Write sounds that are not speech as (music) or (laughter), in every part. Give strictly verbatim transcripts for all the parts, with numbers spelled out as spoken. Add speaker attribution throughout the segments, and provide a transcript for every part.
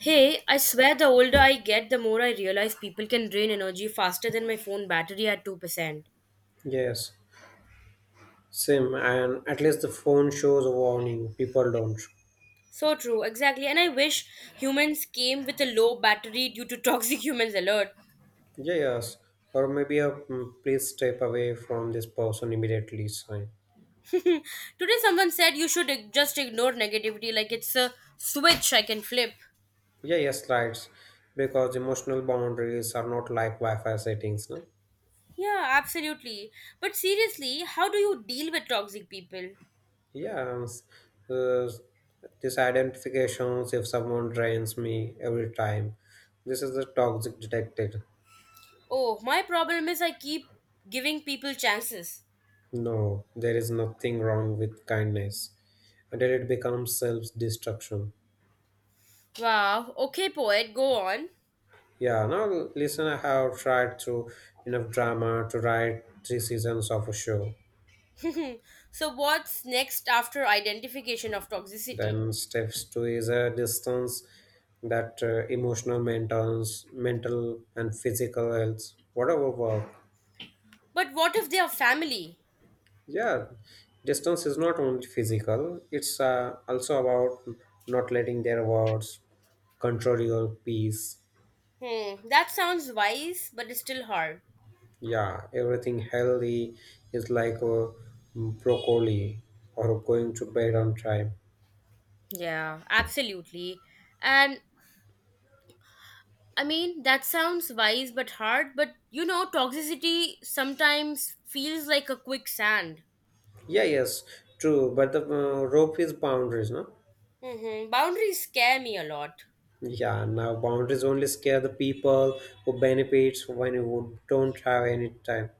Speaker 1: Hey, I swear the older I get, the more I realize people can drain energy faster than my phone battery at two percent.
Speaker 2: Yes, same. And at least the phone shows a warning. People don't.
Speaker 1: So true, exactly. And I wish humans came with a low battery due to toxic (laughs) humans alert.
Speaker 2: Yeah, yes. Or maybe a mm, please step away from this person immediately sign.
Speaker 1: Today, someone said you should ig- just ignore negativity like it's a switch I can flip.
Speaker 2: Yeah, yes, right. Because emotional boundaries are not like Wi-Fi settings. No?
Speaker 1: Yeah, absolutely. But seriously, how do you deal with toxic people?
Speaker 2: Yeah, s- uh, these identifications if someone drains me every time. This is the toxic detected.
Speaker 1: Oh, my problem is I keep giving people chances.
Speaker 2: No, there is nothing wrong with kindness. And then it becomes self-destruction.
Speaker 1: Wow, okay, poet, go on.
Speaker 2: Yeah, now listen, I have tried through enough drama to write three seasons of a show.
Speaker 1: So, what's next after identification of toxicity?
Speaker 2: Then steps two is a distance that uh, emotional maintenance, mental and physical health, whatever work.
Speaker 1: But what if they are family?
Speaker 2: Yeah, distance is not only physical; it's uh, also about not letting their words control your peace.
Speaker 1: Hmm, that sounds wise, but it's still hard.
Speaker 2: Yeah, everything healthy is like a broccoli or going to bed on time.
Speaker 1: Yeah, absolutely. And I mean, that sounds wise but hard, but you know, toxicity sometimes feels like a quicksand.
Speaker 2: Yeah, yes, true. But the uh, rope is boundaries, no?
Speaker 1: Mm-hmm. Boundaries scare me a lot.
Speaker 2: Yeah, now boundaries only scare the people who benefits when you don't have any time.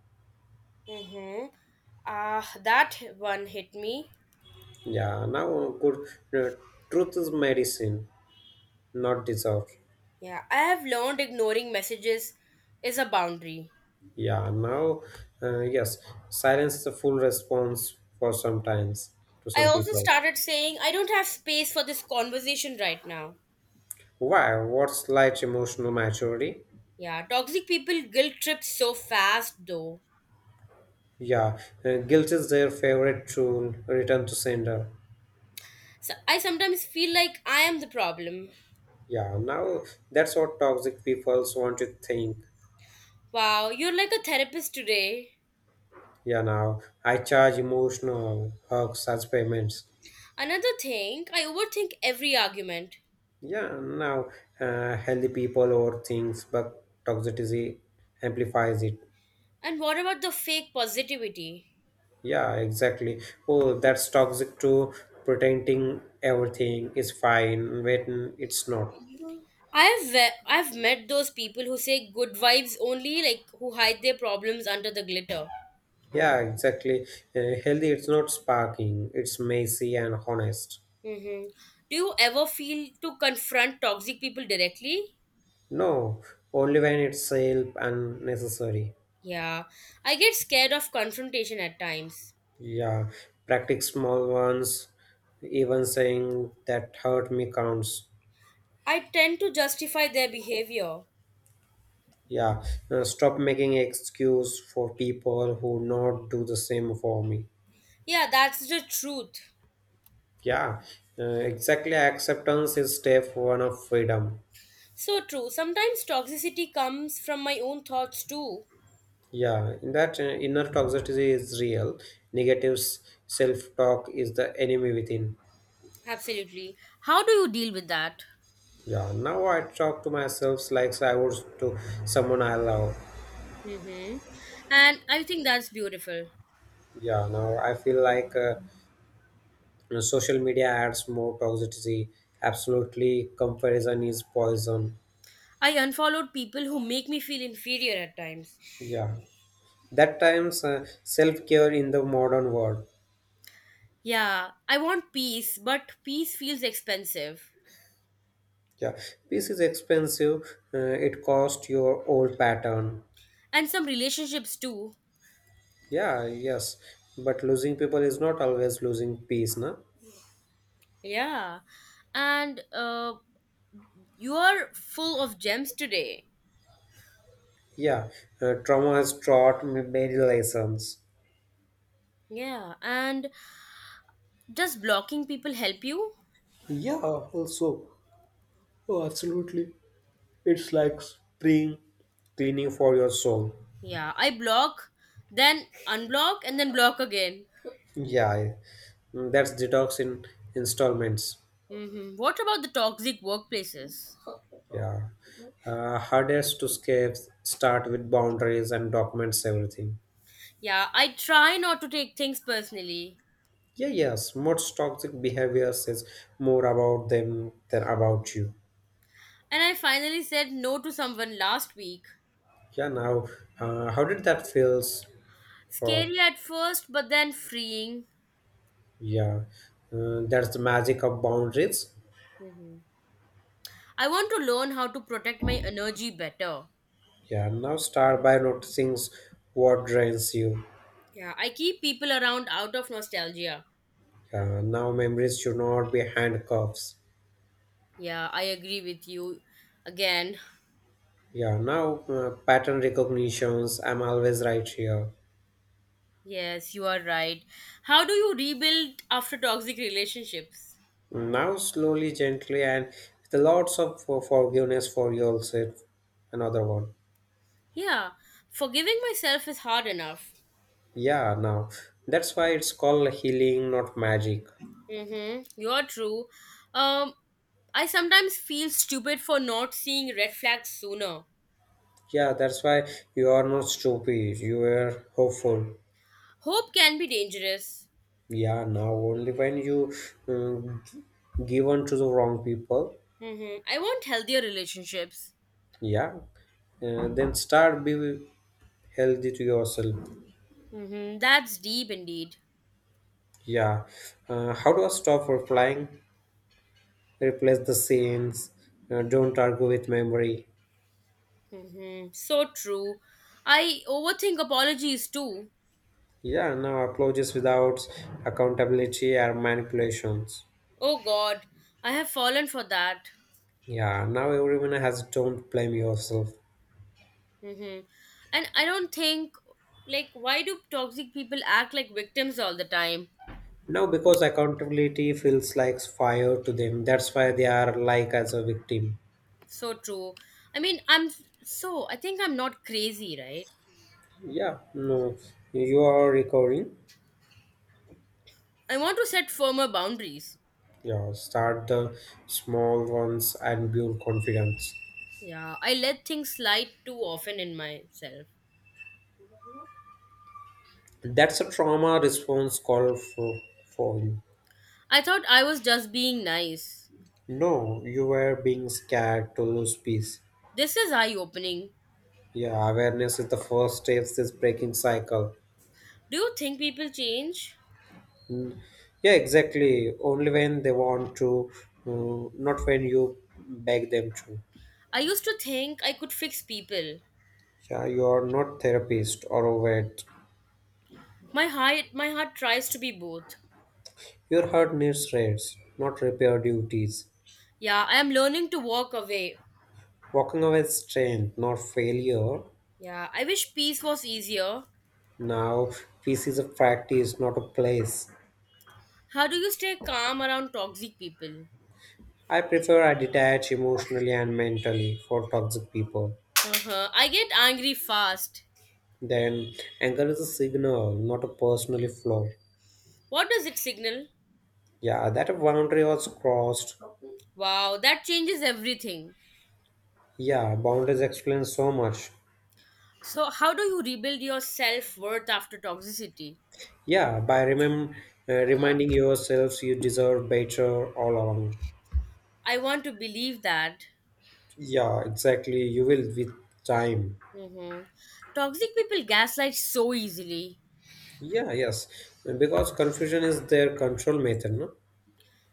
Speaker 1: Mm-hmm. Ah, that one hit me.
Speaker 2: Yeah, now uh, good. Uh, Truth is medicine, not deserved.
Speaker 1: Yeah, I have learned ignoring messages is a boundary.
Speaker 2: Yeah, now, uh, yes, silence is a full response for sometimes to
Speaker 1: I
Speaker 2: some
Speaker 1: also
Speaker 2: people.
Speaker 1: started saying, I don't have space for this conversation right now.
Speaker 2: Why? What's light emotional maturity?
Speaker 1: Yeah, toxic people guilt trip so fast though.
Speaker 2: Yeah, uh, guilt is their favorite tool. Return to sender.
Speaker 1: So I sometimes feel like I am the problem.
Speaker 2: Yeah, now that's what toxic people want to think.
Speaker 1: Wow, you're like a therapist today.
Speaker 2: Yeah, now I charge emotional hugs as payments.
Speaker 1: Another thing, I overthink every argument.
Speaker 2: Yeah, now uh, healthy people overthinks, but toxicity amplifies it.
Speaker 1: And what about the fake positivity?
Speaker 2: Yeah, exactly. Oh, that's toxic too. Pretending everything is fine when it's not.
Speaker 1: I've ve- I've met those people who say good vibes only, like who hide their problems under the glitter.
Speaker 2: Yeah, exactly. Uh, healthy, it's not sparking. It's messy and honest.
Speaker 1: Mm-hmm. Do you ever feel to confront toxic people directly?
Speaker 2: No, only when it's self unnecessary.
Speaker 1: Yeah, I get scared of confrontation at times.
Speaker 2: Yeah, practice small ones. Even saying that hurt me counts.
Speaker 1: I tend to justify their behavior.
Speaker 2: Yeah, uh, stop making excuse for people who not do the same for me.
Speaker 1: Yeah, that's the truth.
Speaker 2: Yeah, uh, exactly. Acceptance is step one of freedom.
Speaker 1: So true. Sometimes toxicity comes from my own thoughts too.
Speaker 2: Yeah, in that uh, inner toxicity is real. Negative self talk is the enemy within.
Speaker 1: Absolutely. How do you deal with that?
Speaker 2: Yeah, now I talk to myself like I would to someone I love.
Speaker 1: Mm-hmm. And I think that's beautiful.
Speaker 2: Yeah, now I feel like. Uh, You know, social media adds more toxicity. Absolutely, comparison is poison.
Speaker 1: I unfollowed people who make me feel inferior at times.
Speaker 2: Yeah, that times uh, self care in the modern world.
Speaker 1: Yeah, I want peace, but peace feels expensive.
Speaker 2: Yeah, peace is expensive. Uh, it costs your old pattern.
Speaker 1: And some relationships too.
Speaker 2: Yeah, yes, but losing people is not always losing peace, na?
Speaker 1: Yeah. And uh, you are full of gems today.
Speaker 2: Yeah, uh, trauma has taught me many lessons.
Speaker 1: Yeah, and does blocking people help you?
Speaker 2: Yeah, also, oh, absolutely. It's like spring. Cleaning for your soul.
Speaker 1: Yeah, I block, then unblock, and then block again.
Speaker 2: Yeah, I- mm, that's detox in installments.
Speaker 1: hmm What about the toxic workplaces?
Speaker 2: Yeah. Uh, hardest to escape, start with boundaries and documents everything.
Speaker 1: Yeah, I try not to take things personally.
Speaker 2: Yeah, yes. Most toxic behavior says more about them than about you.
Speaker 1: And I finally said no to someone last week.
Speaker 2: Yeah, now, uh, how did that feels for,
Speaker 1: Scary at first, but then freeing.
Speaker 2: yeah, uh, that's the magic of boundaries.
Speaker 1: hmm I want to learn how to protect my energy better.
Speaker 2: Yeah, now start by noticing what drains you.
Speaker 1: Yeah, I keep people around out of nostalgia.
Speaker 2: Yeah, now memories should not be handcuffs.
Speaker 1: Yeah, I agree with you again.
Speaker 2: Yeah, now uh, pattern recognitions. I'm always right here.
Speaker 1: Yes, you are right. How do you rebuild after toxic relationships?
Speaker 2: Now, slowly, gently, and with lots of for- forgiveness for yourself. Another one.
Speaker 1: Yeah, forgiving myself is hard enough.
Speaker 2: Yeah, now that's why it's called healing, not magic.
Speaker 1: Mm-hmm. You're true. Um, I sometimes feel stupid for not seeing red flags sooner.
Speaker 2: Yeah, that's why you are not stupid. You are hopeful.
Speaker 1: Hope can be dangerous.
Speaker 2: Yeah, now only when you um, give on to the wrong people.
Speaker 1: Mm-hmm. I want healthier relationships.
Speaker 2: Yeah, uh, then start be healthy to yourself.
Speaker 1: Mm-hmm. That's deep indeed.
Speaker 2: Yeah. Uh, how do I stop for flying? Replace the scenes. Uh, don't argue with memory.
Speaker 1: Mm-hmm. So true. I overthink apologies too.
Speaker 2: Yeah, now apologies without accountability or manipulations.
Speaker 1: Oh God, I have fallen for that.
Speaker 2: Yeah, now everyone has don't blame yourself.
Speaker 1: Mm-hmm. And I don't think, like, why do toxic people act like victims all the time?
Speaker 2: Now because accountability feels like fire to them, that's why they are like as a victim.
Speaker 1: So true. I mean, I'm so, I think I'm not crazy, right?
Speaker 2: Yeah, no, you are recovering.
Speaker 1: I want to set firmer boundaries.
Speaker 2: Yeah, start the small ones and build confidence.
Speaker 1: Yeah, I let things slide too often in myself.
Speaker 2: That's a trauma response call for for
Speaker 1: I thought I was just being nice.
Speaker 2: No, you were being scared to lose peace.
Speaker 1: This is eye opening.
Speaker 2: Yeah, awareness is the first step is breaking cycle.
Speaker 1: Do you think people change?
Speaker 2: Mm, yeah, exactly. Only when they want to, uh, not when you beg them to.
Speaker 1: I used to think I could fix people.
Speaker 2: Yeah, you are not therapist or a vet.
Speaker 1: My heart, my heart tries to be both.
Speaker 2: Your heart needs rest, not repair duties.
Speaker 1: Yeah, I am learning to walk away.
Speaker 2: Walking away is strength, not failure.
Speaker 1: Yeah, I wish peace was easier.
Speaker 2: Now, peace is a practice, not a place.
Speaker 1: How do you stay calm around toxic people?
Speaker 2: I prefer I detach emotionally and mentally for toxic people.
Speaker 1: Uh-huh. I get angry fast.
Speaker 2: Then anger is a signal, not a personal flaw.
Speaker 1: What does it signal?
Speaker 2: Yeah, that boundary was crossed.
Speaker 1: Wow, that changes everything.
Speaker 2: Yeah, boundaries explain so much.
Speaker 1: So, how do you rebuild your self worth after toxicity?
Speaker 2: Yeah, by remem- uh, reminding yourselves you deserve better all along.
Speaker 1: I want to believe that.
Speaker 2: Yeah, exactly. You will with time.
Speaker 1: Mm-hmm. Toxic people gaslight so easily.
Speaker 2: Yeah, yes. Because confusion is their control method, no?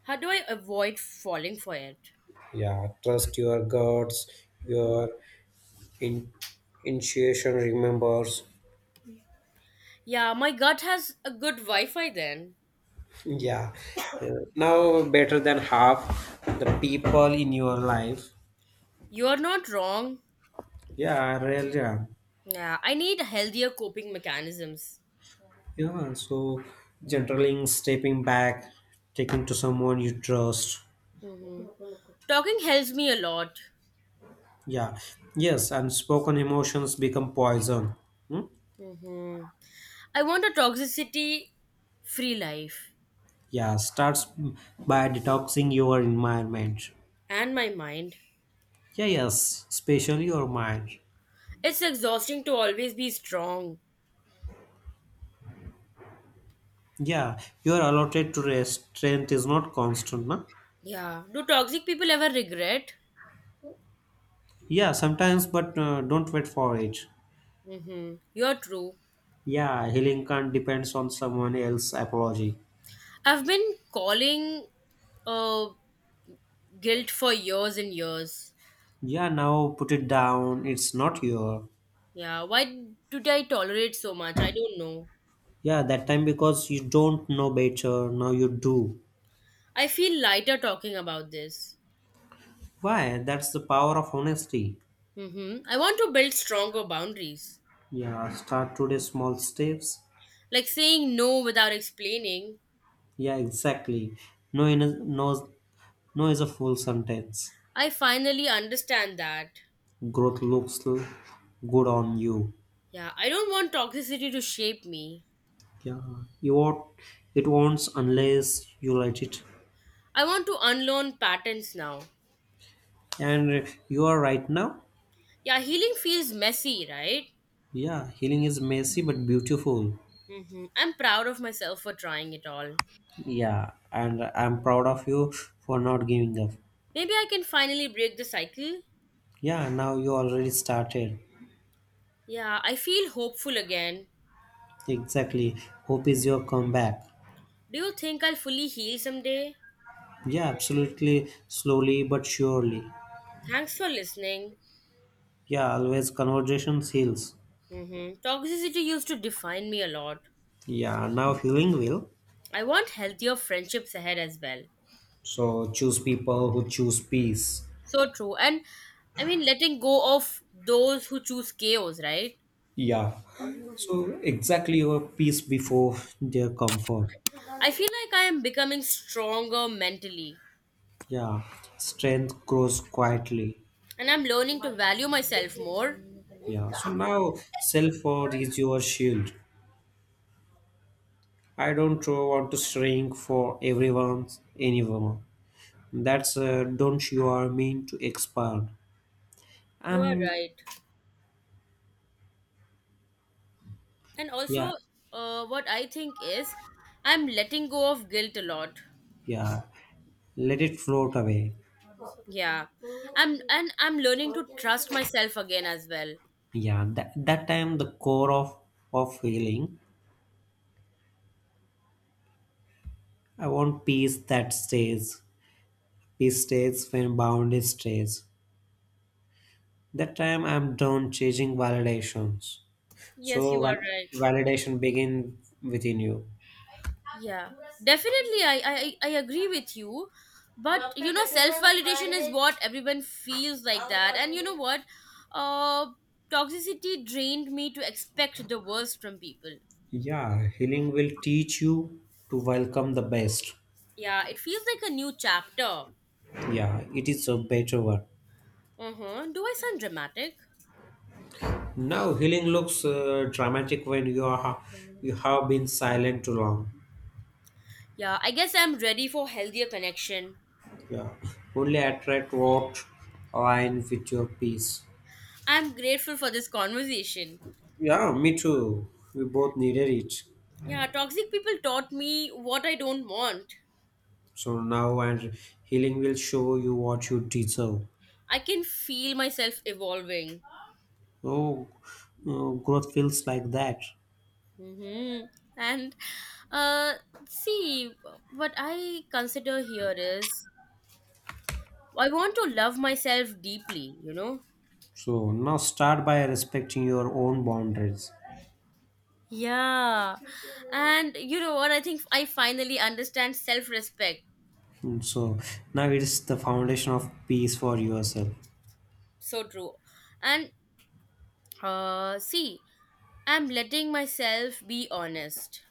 Speaker 1: How do I avoid falling for it?
Speaker 2: Yeah, trust your guts, your in- intuition remembers.
Speaker 1: Yeah, my gut has a good Wi Fi then.
Speaker 2: Yeah, uh, now better than half the people in your life.
Speaker 1: You're not wrong.
Speaker 2: Yeah, really. Yeah,
Speaker 1: Yeah, I need healthier coping mechanisms.
Speaker 2: Yeah, so generally stepping back, taking to someone you trust.
Speaker 1: Talking helps me a lot.
Speaker 2: Yeah, yes, unspoken emotions become poison. Hmm?
Speaker 1: hmm I want a toxicity free life
Speaker 2: Yeah, starts by detoxing your environment.
Speaker 1: and my mind.
Speaker 2: Yeah, yes, especially your mind.
Speaker 1: It's exhausting to always be strong.
Speaker 2: Yeah, you are allotted to rest. Strength is not constant, no?
Speaker 1: Yeah. Do toxic people ever regret?
Speaker 2: Yeah, sometimes, but uh, don't wait for it.
Speaker 1: Mm-hmm. You're true.
Speaker 2: Yeah, healing can't depends on someone else apology.
Speaker 1: I've been calling uh, guilt for years and years.
Speaker 2: Yeah, now put it down. It's not your.
Speaker 1: Yeah, why did I tolerate so much? I don't know.
Speaker 2: Yeah, that time because you don't know better. Now you do.
Speaker 1: I feel lighter talking about this.
Speaker 2: Why? That's the power of honesty.
Speaker 1: Mm-hmm. I want to build stronger boundaries.
Speaker 2: Yeah, start today small steps.
Speaker 1: Like saying no without explaining.
Speaker 2: Yeah, exactly. No, in a, no, no is a full sentence.
Speaker 1: I finally understand that.
Speaker 2: Growth looks l- good on you.
Speaker 1: Yeah, I don't want toxicity to shape me.
Speaker 2: Yeah, you won't. It won't unless you let it.
Speaker 1: I want to unlearn patterns now.
Speaker 2: And you are right now.
Speaker 1: Yeah, healing feels messy, right?
Speaker 2: Yeah, healing is messy but beautiful.
Speaker 1: hmm I'm proud of myself for trying it all.
Speaker 2: Yeah, and I'm proud of you for not giving up.
Speaker 1: Maybe I can finally break the cycle.
Speaker 2: Yeah, now you already started.
Speaker 1: Yeah, I feel hopeful again.
Speaker 2: Exactly. Hope is your comeback.
Speaker 1: Do you think I'll fully heal someday?
Speaker 2: Yeah, absolutely. Slowly but surely.
Speaker 1: Thanks for listening.
Speaker 2: Yeah, always conversations heals.
Speaker 1: hmm Toxicity used to define me a lot.
Speaker 2: Yeah, now healing will.
Speaker 1: I want healthier friendships ahead as well.
Speaker 2: So choose people who choose peace.
Speaker 1: So true. And I mean, letting go of those who choose chaos, right?
Speaker 2: Yeah. So exactly your peace before their comfort.
Speaker 1: I feel like I am becoming stronger mentally
Speaker 2: Yeah. Strength grows quietly.
Speaker 1: and I'm learning to value myself more.
Speaker 2: Yeah, so now self-worth is your shield. I don't uh, want to shrink for everyone's anyone. That's uh, don't you are mean to expand.
Speaker 1: You are
Speaker 2: Um,
Speaker 1: right. And
Speaker 2: yeah,
Speaker 1: also, uh, what I think is I'm letting go of guilt a lot.
Speaker 2: yeah. Let it float away.
Speaker 1: Yeah. I'm and I'm learning to trust myself again as well.
Speaker 2: Yeah, that that time the core of of feeling. I want peace that stays. Peace stays when boundary stays. That time I'm done chasing validations.
Speaker 1: Yes, you
Speaker 2: So
Speaker 1: are
Speaker 2: val-
Speaker 1: right.
Speaker 2: validation begin within you.
Speaker 1: Yeah, definitely, i i, I I agree with you, but you know self-validation is what everyone feels like that. And you know what? uh Toxicity drained me to expect the worst from people.
Speaker 2: Yeah, healing will teach you to welcome the best.
Speaker 1: Yeah, it feels like a new chapter.
Speaker 2: Yeah, it is a better one.
Speaker 1: Uh-huh. Do I sound dramatic?
Speaker 2: Now, healing looks uh, dramatic when you are you have been silent too long.
Speaker 1: Yeah, I guess I'm ready for healthier connection.
Speaker 2: Yeah, (laughs) only attract what align with your peace.
Speaker 1: I'm grateful for this conversation.
Speaker 2: Yeah, me too. We both needed it.
Speaker 1: Yeah, toxic people taught me what I don't want.
Speaker 2: So now, and healing will show you what you deserve.
Speaker 1: I can feel myself evolving.
Speaker 2: Oh, uh, growth feels like that.
Speaker 1: Mm-hmm. And uh, see, what I consider here is I want to love myself deeply, you know?
Speaker 2: So now, start by respecting your own boundaries.
Speaker 1: Yeah. And you know what? I think I finally understand self respect.
Speaker 2: Mm, So now it is the foundation of peace for yourself.
Speaker 1: So true. And uh, see, I'm letting myself be honest.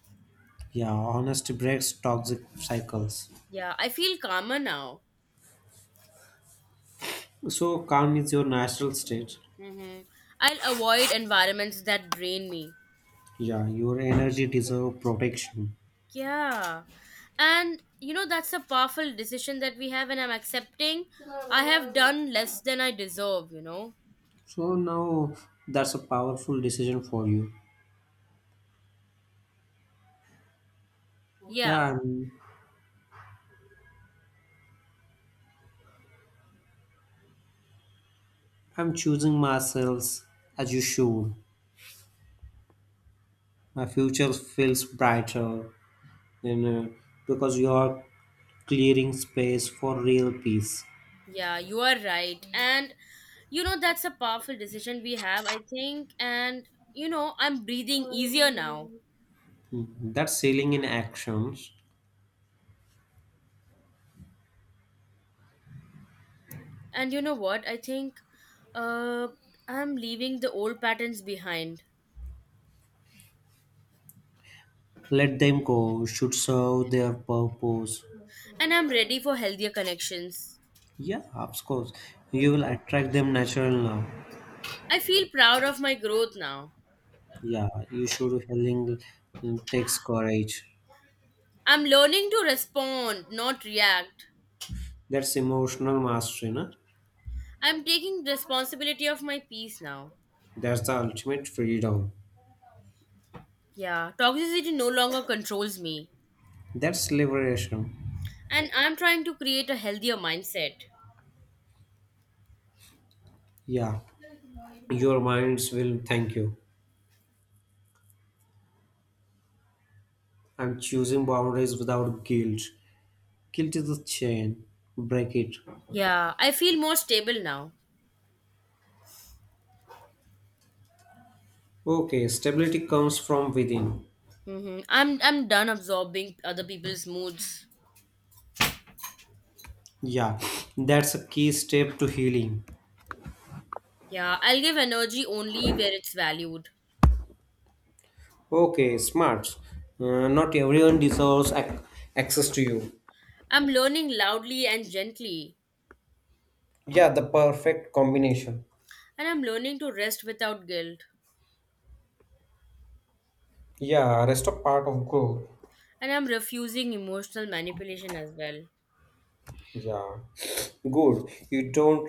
Speaker 2: Yeah, honesty breaks toxic cycles.
Speaker 1: Yeah, I feel calmer now.
Speaker 2: So calm is your natural state.
Speaker 1: Mm-hmm. I'll avoid environments that drain me.
Speaker 2: Yeah, your energy deserve protection.
Speaker 1: Yeah. And you know, that's a powerful decision that we have, and I'm accepting I have done less than I deserve, you know?
Speaker 2: So now that's a powerful decision for you.
Speaker 1: Yeah.
Speaker 2: Yeah, I'm, I'm choosing myself as you should. My future feels brighter, and uh, because you are clearing space for real peace.
Speaker 1: Yeah, you are right. And you know, that's a powerful decision we have, I think. And you know, I'm breathing easier now.
Speaker 2: That's healing in actions.
Speaker 1: And you know what? I think uh, I'm leaving the old patterns behind
Speaker 2: Let them go should serve their purpose.
Speaker 1: and I'm ready for healthier connections.
Speaker 2: Yeah, of course you will attract them natural now.
Speaker 1: I feel proud of my growth now.
Speaker 2: Yeah, you should. Healing takes courage.
Speaker 1: I'm learning to respond, not react.
Speaker 2: That's emotional mastery, na?
Speaker 1: I'm taking responsibility of my peace now.
Speaker 2: That's the ultimate freedom.
Speaker 1: Yeah, toxicity no longer controls me.
Speaker 2: That's liberation.
Speaker 1: And I'm trying to create a healthier mindset.
Speaker 2: Yeah, your minds will thank you. I'm choosing boundaries without guilt. Guilt is a chain. Break it.
Speaker 1: Yeah, I feel more stable now.
Speaker 2: Okay, stability comes from within.
Speaker 1: hmm I'm I'm done absorbing other people's moods.
Speaker 2: Yeah, that's a key step to healing.
Speaker 1: Yeah, I'll give energy only where it's valued.
Speaker 2: Okay, smart. Uh, not everyone deserves ac- access to you.
Speaker 1: I'm learning loudly and gently.
Speaker 2: Yeah, the perfect combination.
Speaker 1: And I'm learning to rest without guilt.
Speaker 2: Yeah, rest of part of growth.
Speaker 1: And I'm refusing emotional manipulation as well.
Speaker 2: Yeah, good. You don't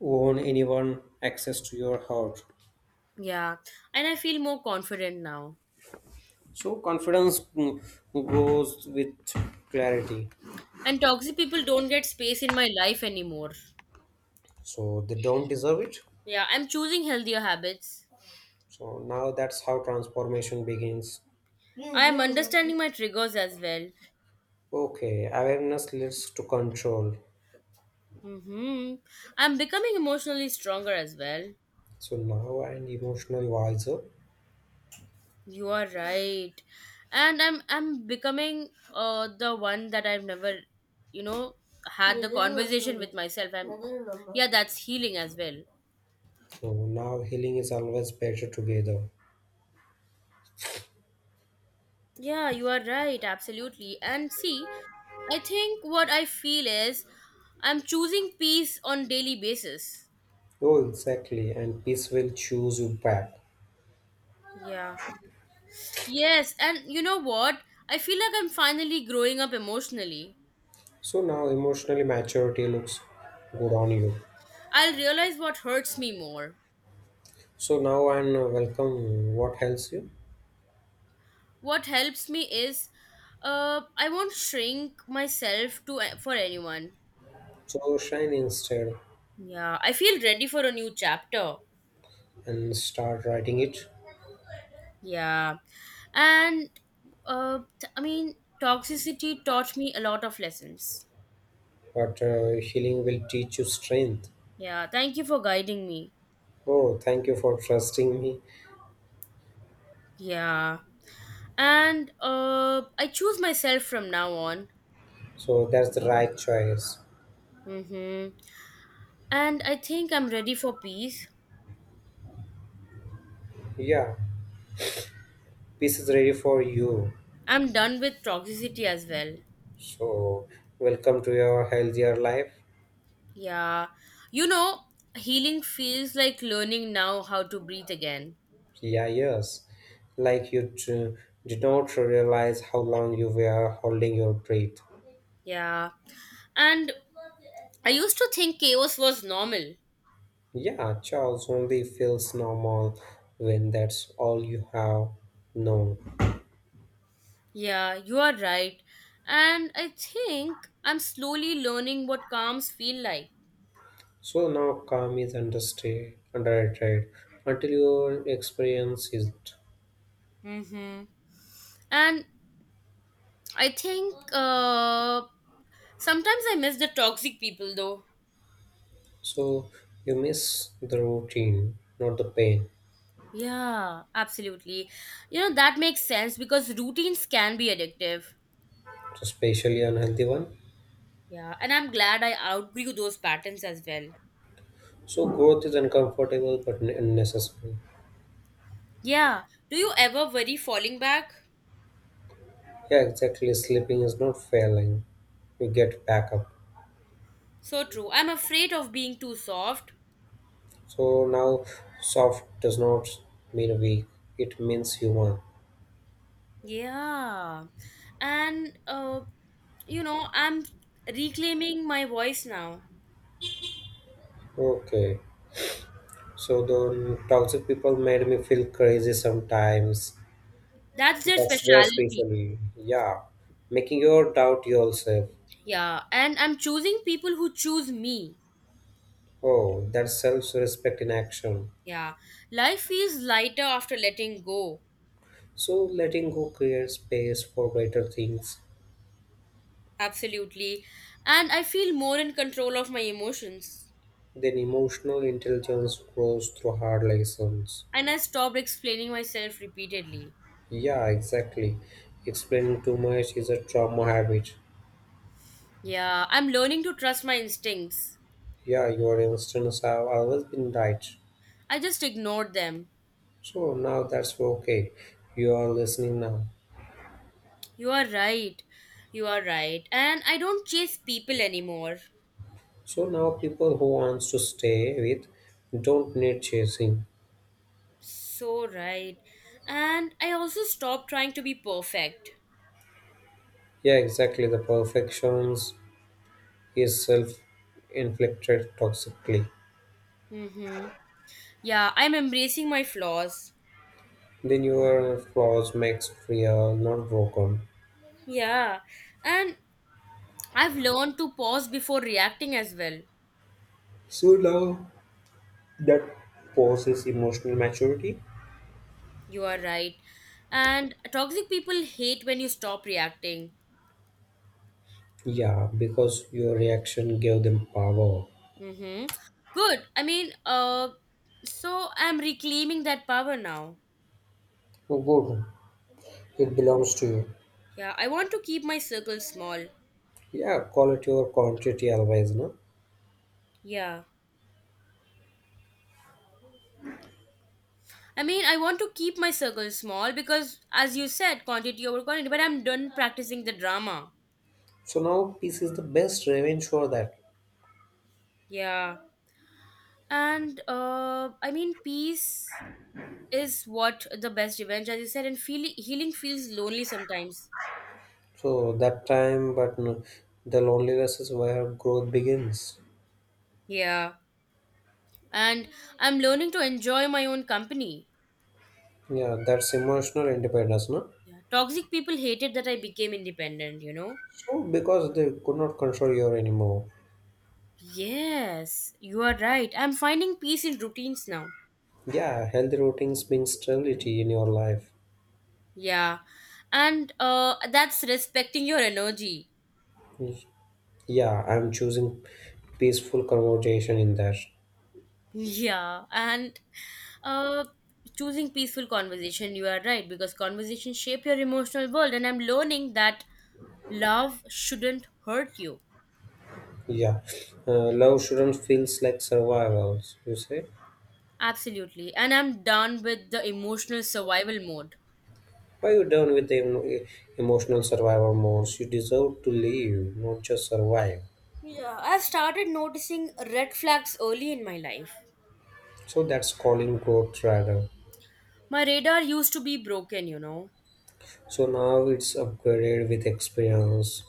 Speaker 2: own anyone access to your heart.
Speaker 1: Yeah, and I feel more confident now.
Speaker 2: So confidence mm, goes with clarity.
Speaker 1: And toxic people don't get space in my life anymore.
Speaker 2: So they don't deserve it.
Speaker 1: Yeah, I'm choosing healthier habits.
Speaker 2: So now that's how transformation begins.
Speaker 1: I'm understanding my triggers as well.
Speaker 2: Okay, awareness leads to control.
Speaker 1: Mm-hmm. I'm becoming emotionally stronger as well.
Speaker 2: So now and emotional wiser.
Speaker 1: You are right. And I'm I'm becoming uh the one that I've never, you know, had the conversation with myself. I'm Yeah, that's healing as well.
Speaker 2: So now healing is always better together.
Speaker 1: Yeah, you are right, absolutely. And see, I think what I feel is I'm choosing peace on daily basis.
Speaker 2: Oh, exactly. And peace will choose you back.
Speaker 1: Yeah. Yes, and you know what? I feel like I'm finally growing up emotionally.
Speaker 2: So now emotionally maturity looks good on you.
Speaker 1: I'll realize what hurts me more.
Speaker 2: So now and uh, welcome. What helps you?
Speaker 1: What helps me is uh I won't shrink myself to for anyone.
Speaker 2: So shine instead
Speaker 1: Yeah, I feel ready for a new chapter.
Speaker 2: and start writing it.
Speaker 1: Yeah. And uh t- I mean toxicity taught me a lot of lessons.
Speaker 2: But uh, healing will teach you strength.
Speaker 1: Yeah, thank you for guiding me.
Speaker 2: Oh, thank you for trusting me.
Speaker 1: Yeah. And uh I choose myself from now on.
Speaker 2: So that's the right choice.
Speaker 1: Mhm. And I think I'm ready for peace.
Speaker 2: Yeah, peace is ready for you.
Speaker 1: I'm done with toxicity as well.
Speaker 2: So welcome to your healthier life.
Speaker 1: Yeah. You know, healing feels like learning now how to breathe again.
Speaker 2: Yeah, yes. Like you t- did not realize how long you were holding your breath.
Speaker 1: Yeah. And I used to think chaos was normal.
Speaker 2: Yeah, Charles only feels normal when that's all you have known.
Speaker 1: Yeah, you are right. And I think I'm slowly learning what calms feel like.
Speaker 2: So now calm is understood, underrated until you experience it.
Speaker 1: Mm-hmm. And I think uh, sometimes I miss the toxic people though.
Speaker 2: So you miss the routine, not the pain,
Speaker 1: Yeah, absolutely. You know, that makes sense because routines can be addictive.
Speaker 2: especially unhealthy one.
Speaker 1: Yeah, and I'm glad I outgrew those patterns as well.
Speaker 2: So growth is uncomfortable but ne- necessary.
Speaker 1: Yeah, do you ever worry falling back?
Speaker 2: Yeah, exactly. Sleeping is not failing. You get back up.
Speaker 1: So true. I'm afraid of being too soft.
Speaker 2: So now soft does not mean weak, it means human.
Speaker 1: Yeah, and uh, you know, I'm reclaiming my voice now.
Speaker 2: Okay. So the toxic people made me feel crazy sometimes.
Speaker 1: That's their
Speaker 2: That's their
Speaker 1: specialty.
Speaker 2: specialty. Yeah. Making your doubt yourself.
Speaker 1: Yeah, and I'm choosing people who choose me.
Speaker 2: Oh, that's self respect in action.
Speaker 1: Yeah, life feels lighter after letting go.
Speaker 2: So letting go creates space for better things.
Speaker 1: Absolutely. And I feel more in control of my emotions.
Speaker 2: Then emotional intelligence grows through hard lessons.
Speaker 1: And I stopped explaining myself repeatedly.
Speaker 2: Yeah, exactly. Explaining too much is a trauma habit.
Speaker 1: Yeah, I'm learning to trust my instincts.
Speaker 2: Yeah, your instincts have always been right.
Speaker 1: I just ignored them.
Speaker 2: So now that's okay. You are listening now.
Speaker 1: You are right. You are right. And I don't chase people anymore.
Speaker 2: So now people who wants to stay with don't need chasing.
Speaker 1: So right. And I also stopped trying to be perfect.
Speaker 2: Yeah, exactly. The perfections is self-inflicted toxically.
Speaker 1: Mm-hmm. Yeah, I'm embracing my flaws.
Speaker 2: Then your flaws makes real, not broken.
Speaker 1: Yeah. And I've learned to pause before reacting as well.
Speaker 2: So now that poses emotional maturity.
Speaker 1: You are right. And toxic people hate when you stop reacting.
Speaker 2: Yeah, because your reaction gave them power.
Speaker 1: Mm-hmm. Good. I mean, uh, so I'm reclaiming that power now.
Speaker 2: Oh, good. It belongs to you.
Speaker 1: Yeah, I want to keep my circle small.
Speaker 2: Yeah, quality over quantity always, no?
Speaker 1: Yeah. I mean, I want to keep my circle small because, as you said, quantity over quality, but I'm done practicing the drama.
Speaker 2: So now peace is the best revenge for that.
Speaker 1: Yeah. And, uh, I mean, peace is what the best revenge, as you said, and feel- healing feels lonely sometimes.
Speaker 2: So that time, but no, the loneliness is where growth begins.
Speaker 1: Yeah. And I'm learning to enjoy my own company.
Speaker 2: Yeah, that's emotional independence, no?
Speaker 1: Yeah. Toxic people hated that I became independent, you know?
Speaker 2: So because they could not control you anymore.
Speaker 1: Yes, you are right. I'm finding peace in routines now.
Speaker 2: Yeah, healthy routines bring stability in your life.
Speaker 1: Yeah. And uh, that's respecting your energy. (laughs)
Speaker 2: Yeah, I'm choosing peaceful conversation in that.
Speaker 1: Yeah. And uh, choosing peaceful conversation, you are right, because conversation shape your emotional world. And I'm learning that love shouldn't hurt you.
Speaker 2: Yeah, uh, love shouldn't feels like survival. You say,
Speaker 1: Absolutely. And I'm done with the emotional survival mode.
Speaker 2: why you done with the em- emotional survival modes? You deserve to live, not just survive.
Speaker 1: Yeah, I've started noticing red flags early in my life.
Speaker 2: So that's calling growth rather.
Speaker 1: My radar used to be broken, you know.
Speaker 2: So now it's upgraded with experience.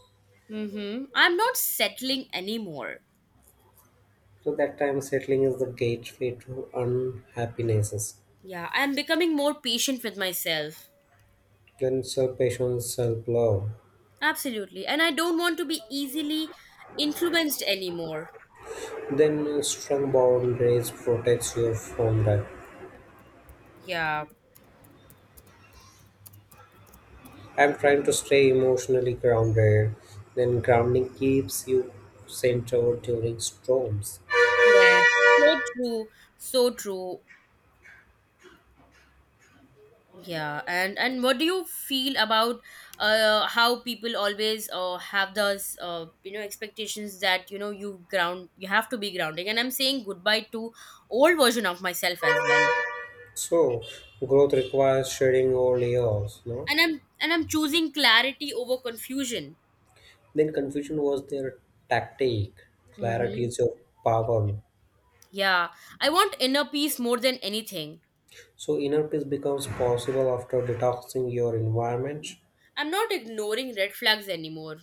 Speaker 1: Mhm. I'm not settling anymore.
Speaker 2: So that time settling is the gateway to unhappinesses.
Speaker 1: Yeah, I'm becoming more patient with myself.
Speaker 2: Then self-patience, self-love.
Speaker 1: Absolutely. And I don't want to be easily influenced anymore.
Speaker 2: Then uh, strong boundaries protects you from that.
Speaker 1: Yeah.
Speaker 2: I'm trying to stay emotionally grounded. Then grounding keeps you centered during storms.
Speaker 1: Yeah. So true. So true. Yeah, and and what do you feel about uh how people always uh have those uh you know expectations that you know you ground you have to be grounding? And I'm saying goodbye to old version of myself as well.
Speaker 2: So growth requires shedding all layers, no?
Speaker 1: And I'm and I'm choosing clarity over confusion.
Speaker 2: Then confusion was their tactic. Clarity
Speaker 1: Mm-hmm.
Speaker 2: is your power.
Speaker 1: Yeah, I want inner peace more than anything.
Speaker 2: So inner peace becomes possible after detoxing your environment.
Speaker 1: I'm not ignoring red flags anymore.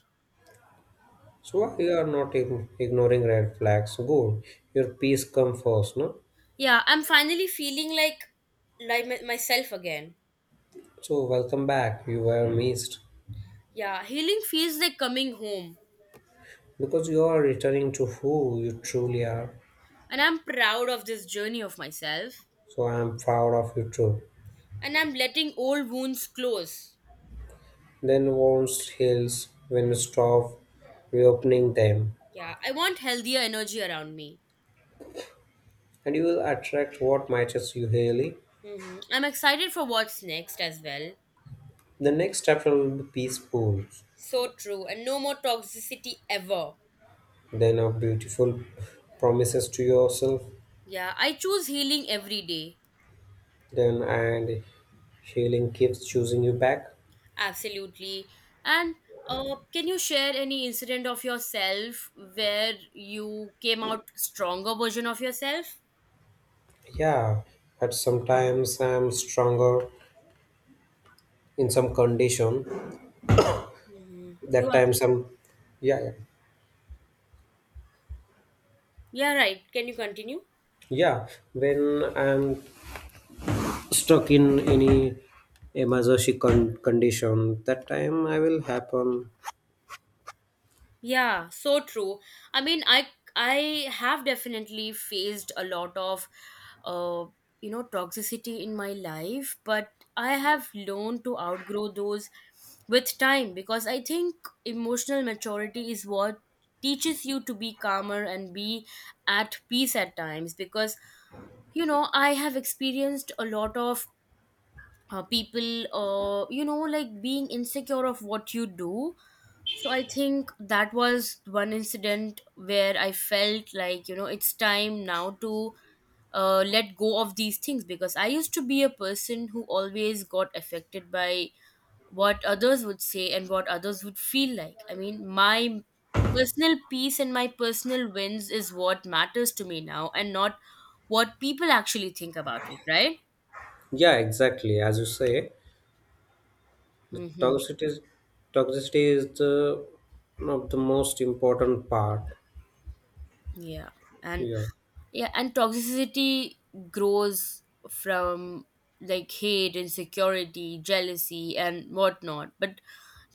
Speaker 2: So why you are not ign- ignoring red flags? Good. Your peace comes first, no?
Speaker 1: Yeah, I'm finally feeling like like my- myself again.
Speaker 2: So welcome back. You were missed
Speaker 1: Yeah, healing feels like coming home.
Speaker 2: because you are returning to who you truly are.
Speaker 1: And I'm proud of this journey of myself.
Speaker 2: So I am proud of you too.
Speaker 1: And I'm letting old wounds close.
Speaker 2: Then wounds heals when you stop reopening them,
Speaker 1: Yeah, I want healthier energy around me.
Speaker 2: and you will attract what matters you really.
Speaker 1: hmm I'm excited for what's next as well.
Speaker 2: The next chapter will be peaceful,
Speaker 1: So true. And no more toxicity ever.
Speaker 2: then of beautiful promises to yourself,
Speaker 1: Yeah, I choose healing every day.
Speaker 2: then and healing keeps choosing you back.
Speaker 1: Absolutely. And uh, can you share any incident of yourself where you came out stronger version of yourself?
Speaker 2: Yeah, but sometimes I'm stronger in some condition.
Speaker 1: Hmm. You
Speaker 2: That
Speaker 1: are.
Speaker 2: time some, yeah, yeah,
Speaker 1: Yeah, right. Can you continue?
Speaker 2: yeah. When I'm stuck in any a emergency con- condition, that time I will happen.
Speaker 1: Yeah, so true. I mean, I I have definitely faced a lot of uh you know toxicity in my life, but I have learned to outgrow those with time because I think emotional maturity is what teaches you to be calmer and be at peace at times because you know I have experienced a lot of uh, people uh you know like being insecure of what you do, so I think that was one incident where I felt like, you know, it's time now to uh, let go of these things because I used to be a person who always got affected by what others would say and what others would feel like. I mean, my personal peace and my personal wins is what matters to me now and not what people actually think about it, right?
Speaker 2: Yeah, exactly, as you say, the
Speaker 1: Mm-hmm.
Speaker 2: toxicity is, toxicity is the one of the most important part.
Speaker 1: Yeah, and
Speaker 2: Yeah,
Speaker 1: yeah, and toxicity grows from like hate, insecurity, jealousy and whatnot, but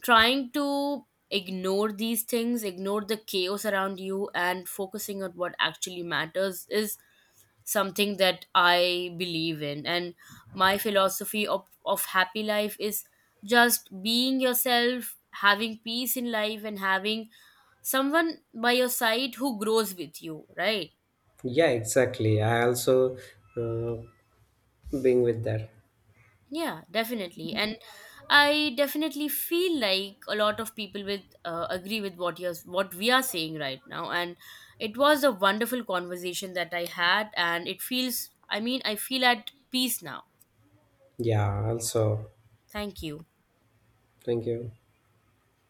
Speaker 1: trying to ignore these things, ignore the chaos around you and focusing on what actually matters is something that I believe in. And my philosophy of, of happy life is just being yourself, having peace in life and having someone by your side who grows with you, right?
Speaker 2: yeah, exactly. I also uh, being with that.
Speaker 1: Yeah, definitely. And I definitely feel like a lot of people with uh, agree with what you're what we are saying right now, and it was a wonderful conversation that I had, and it feels, I mean, I feel at peace now.
Speaker 2: Yeah, also,
Speaker 1: Thank you.
Speaker 2: thank you.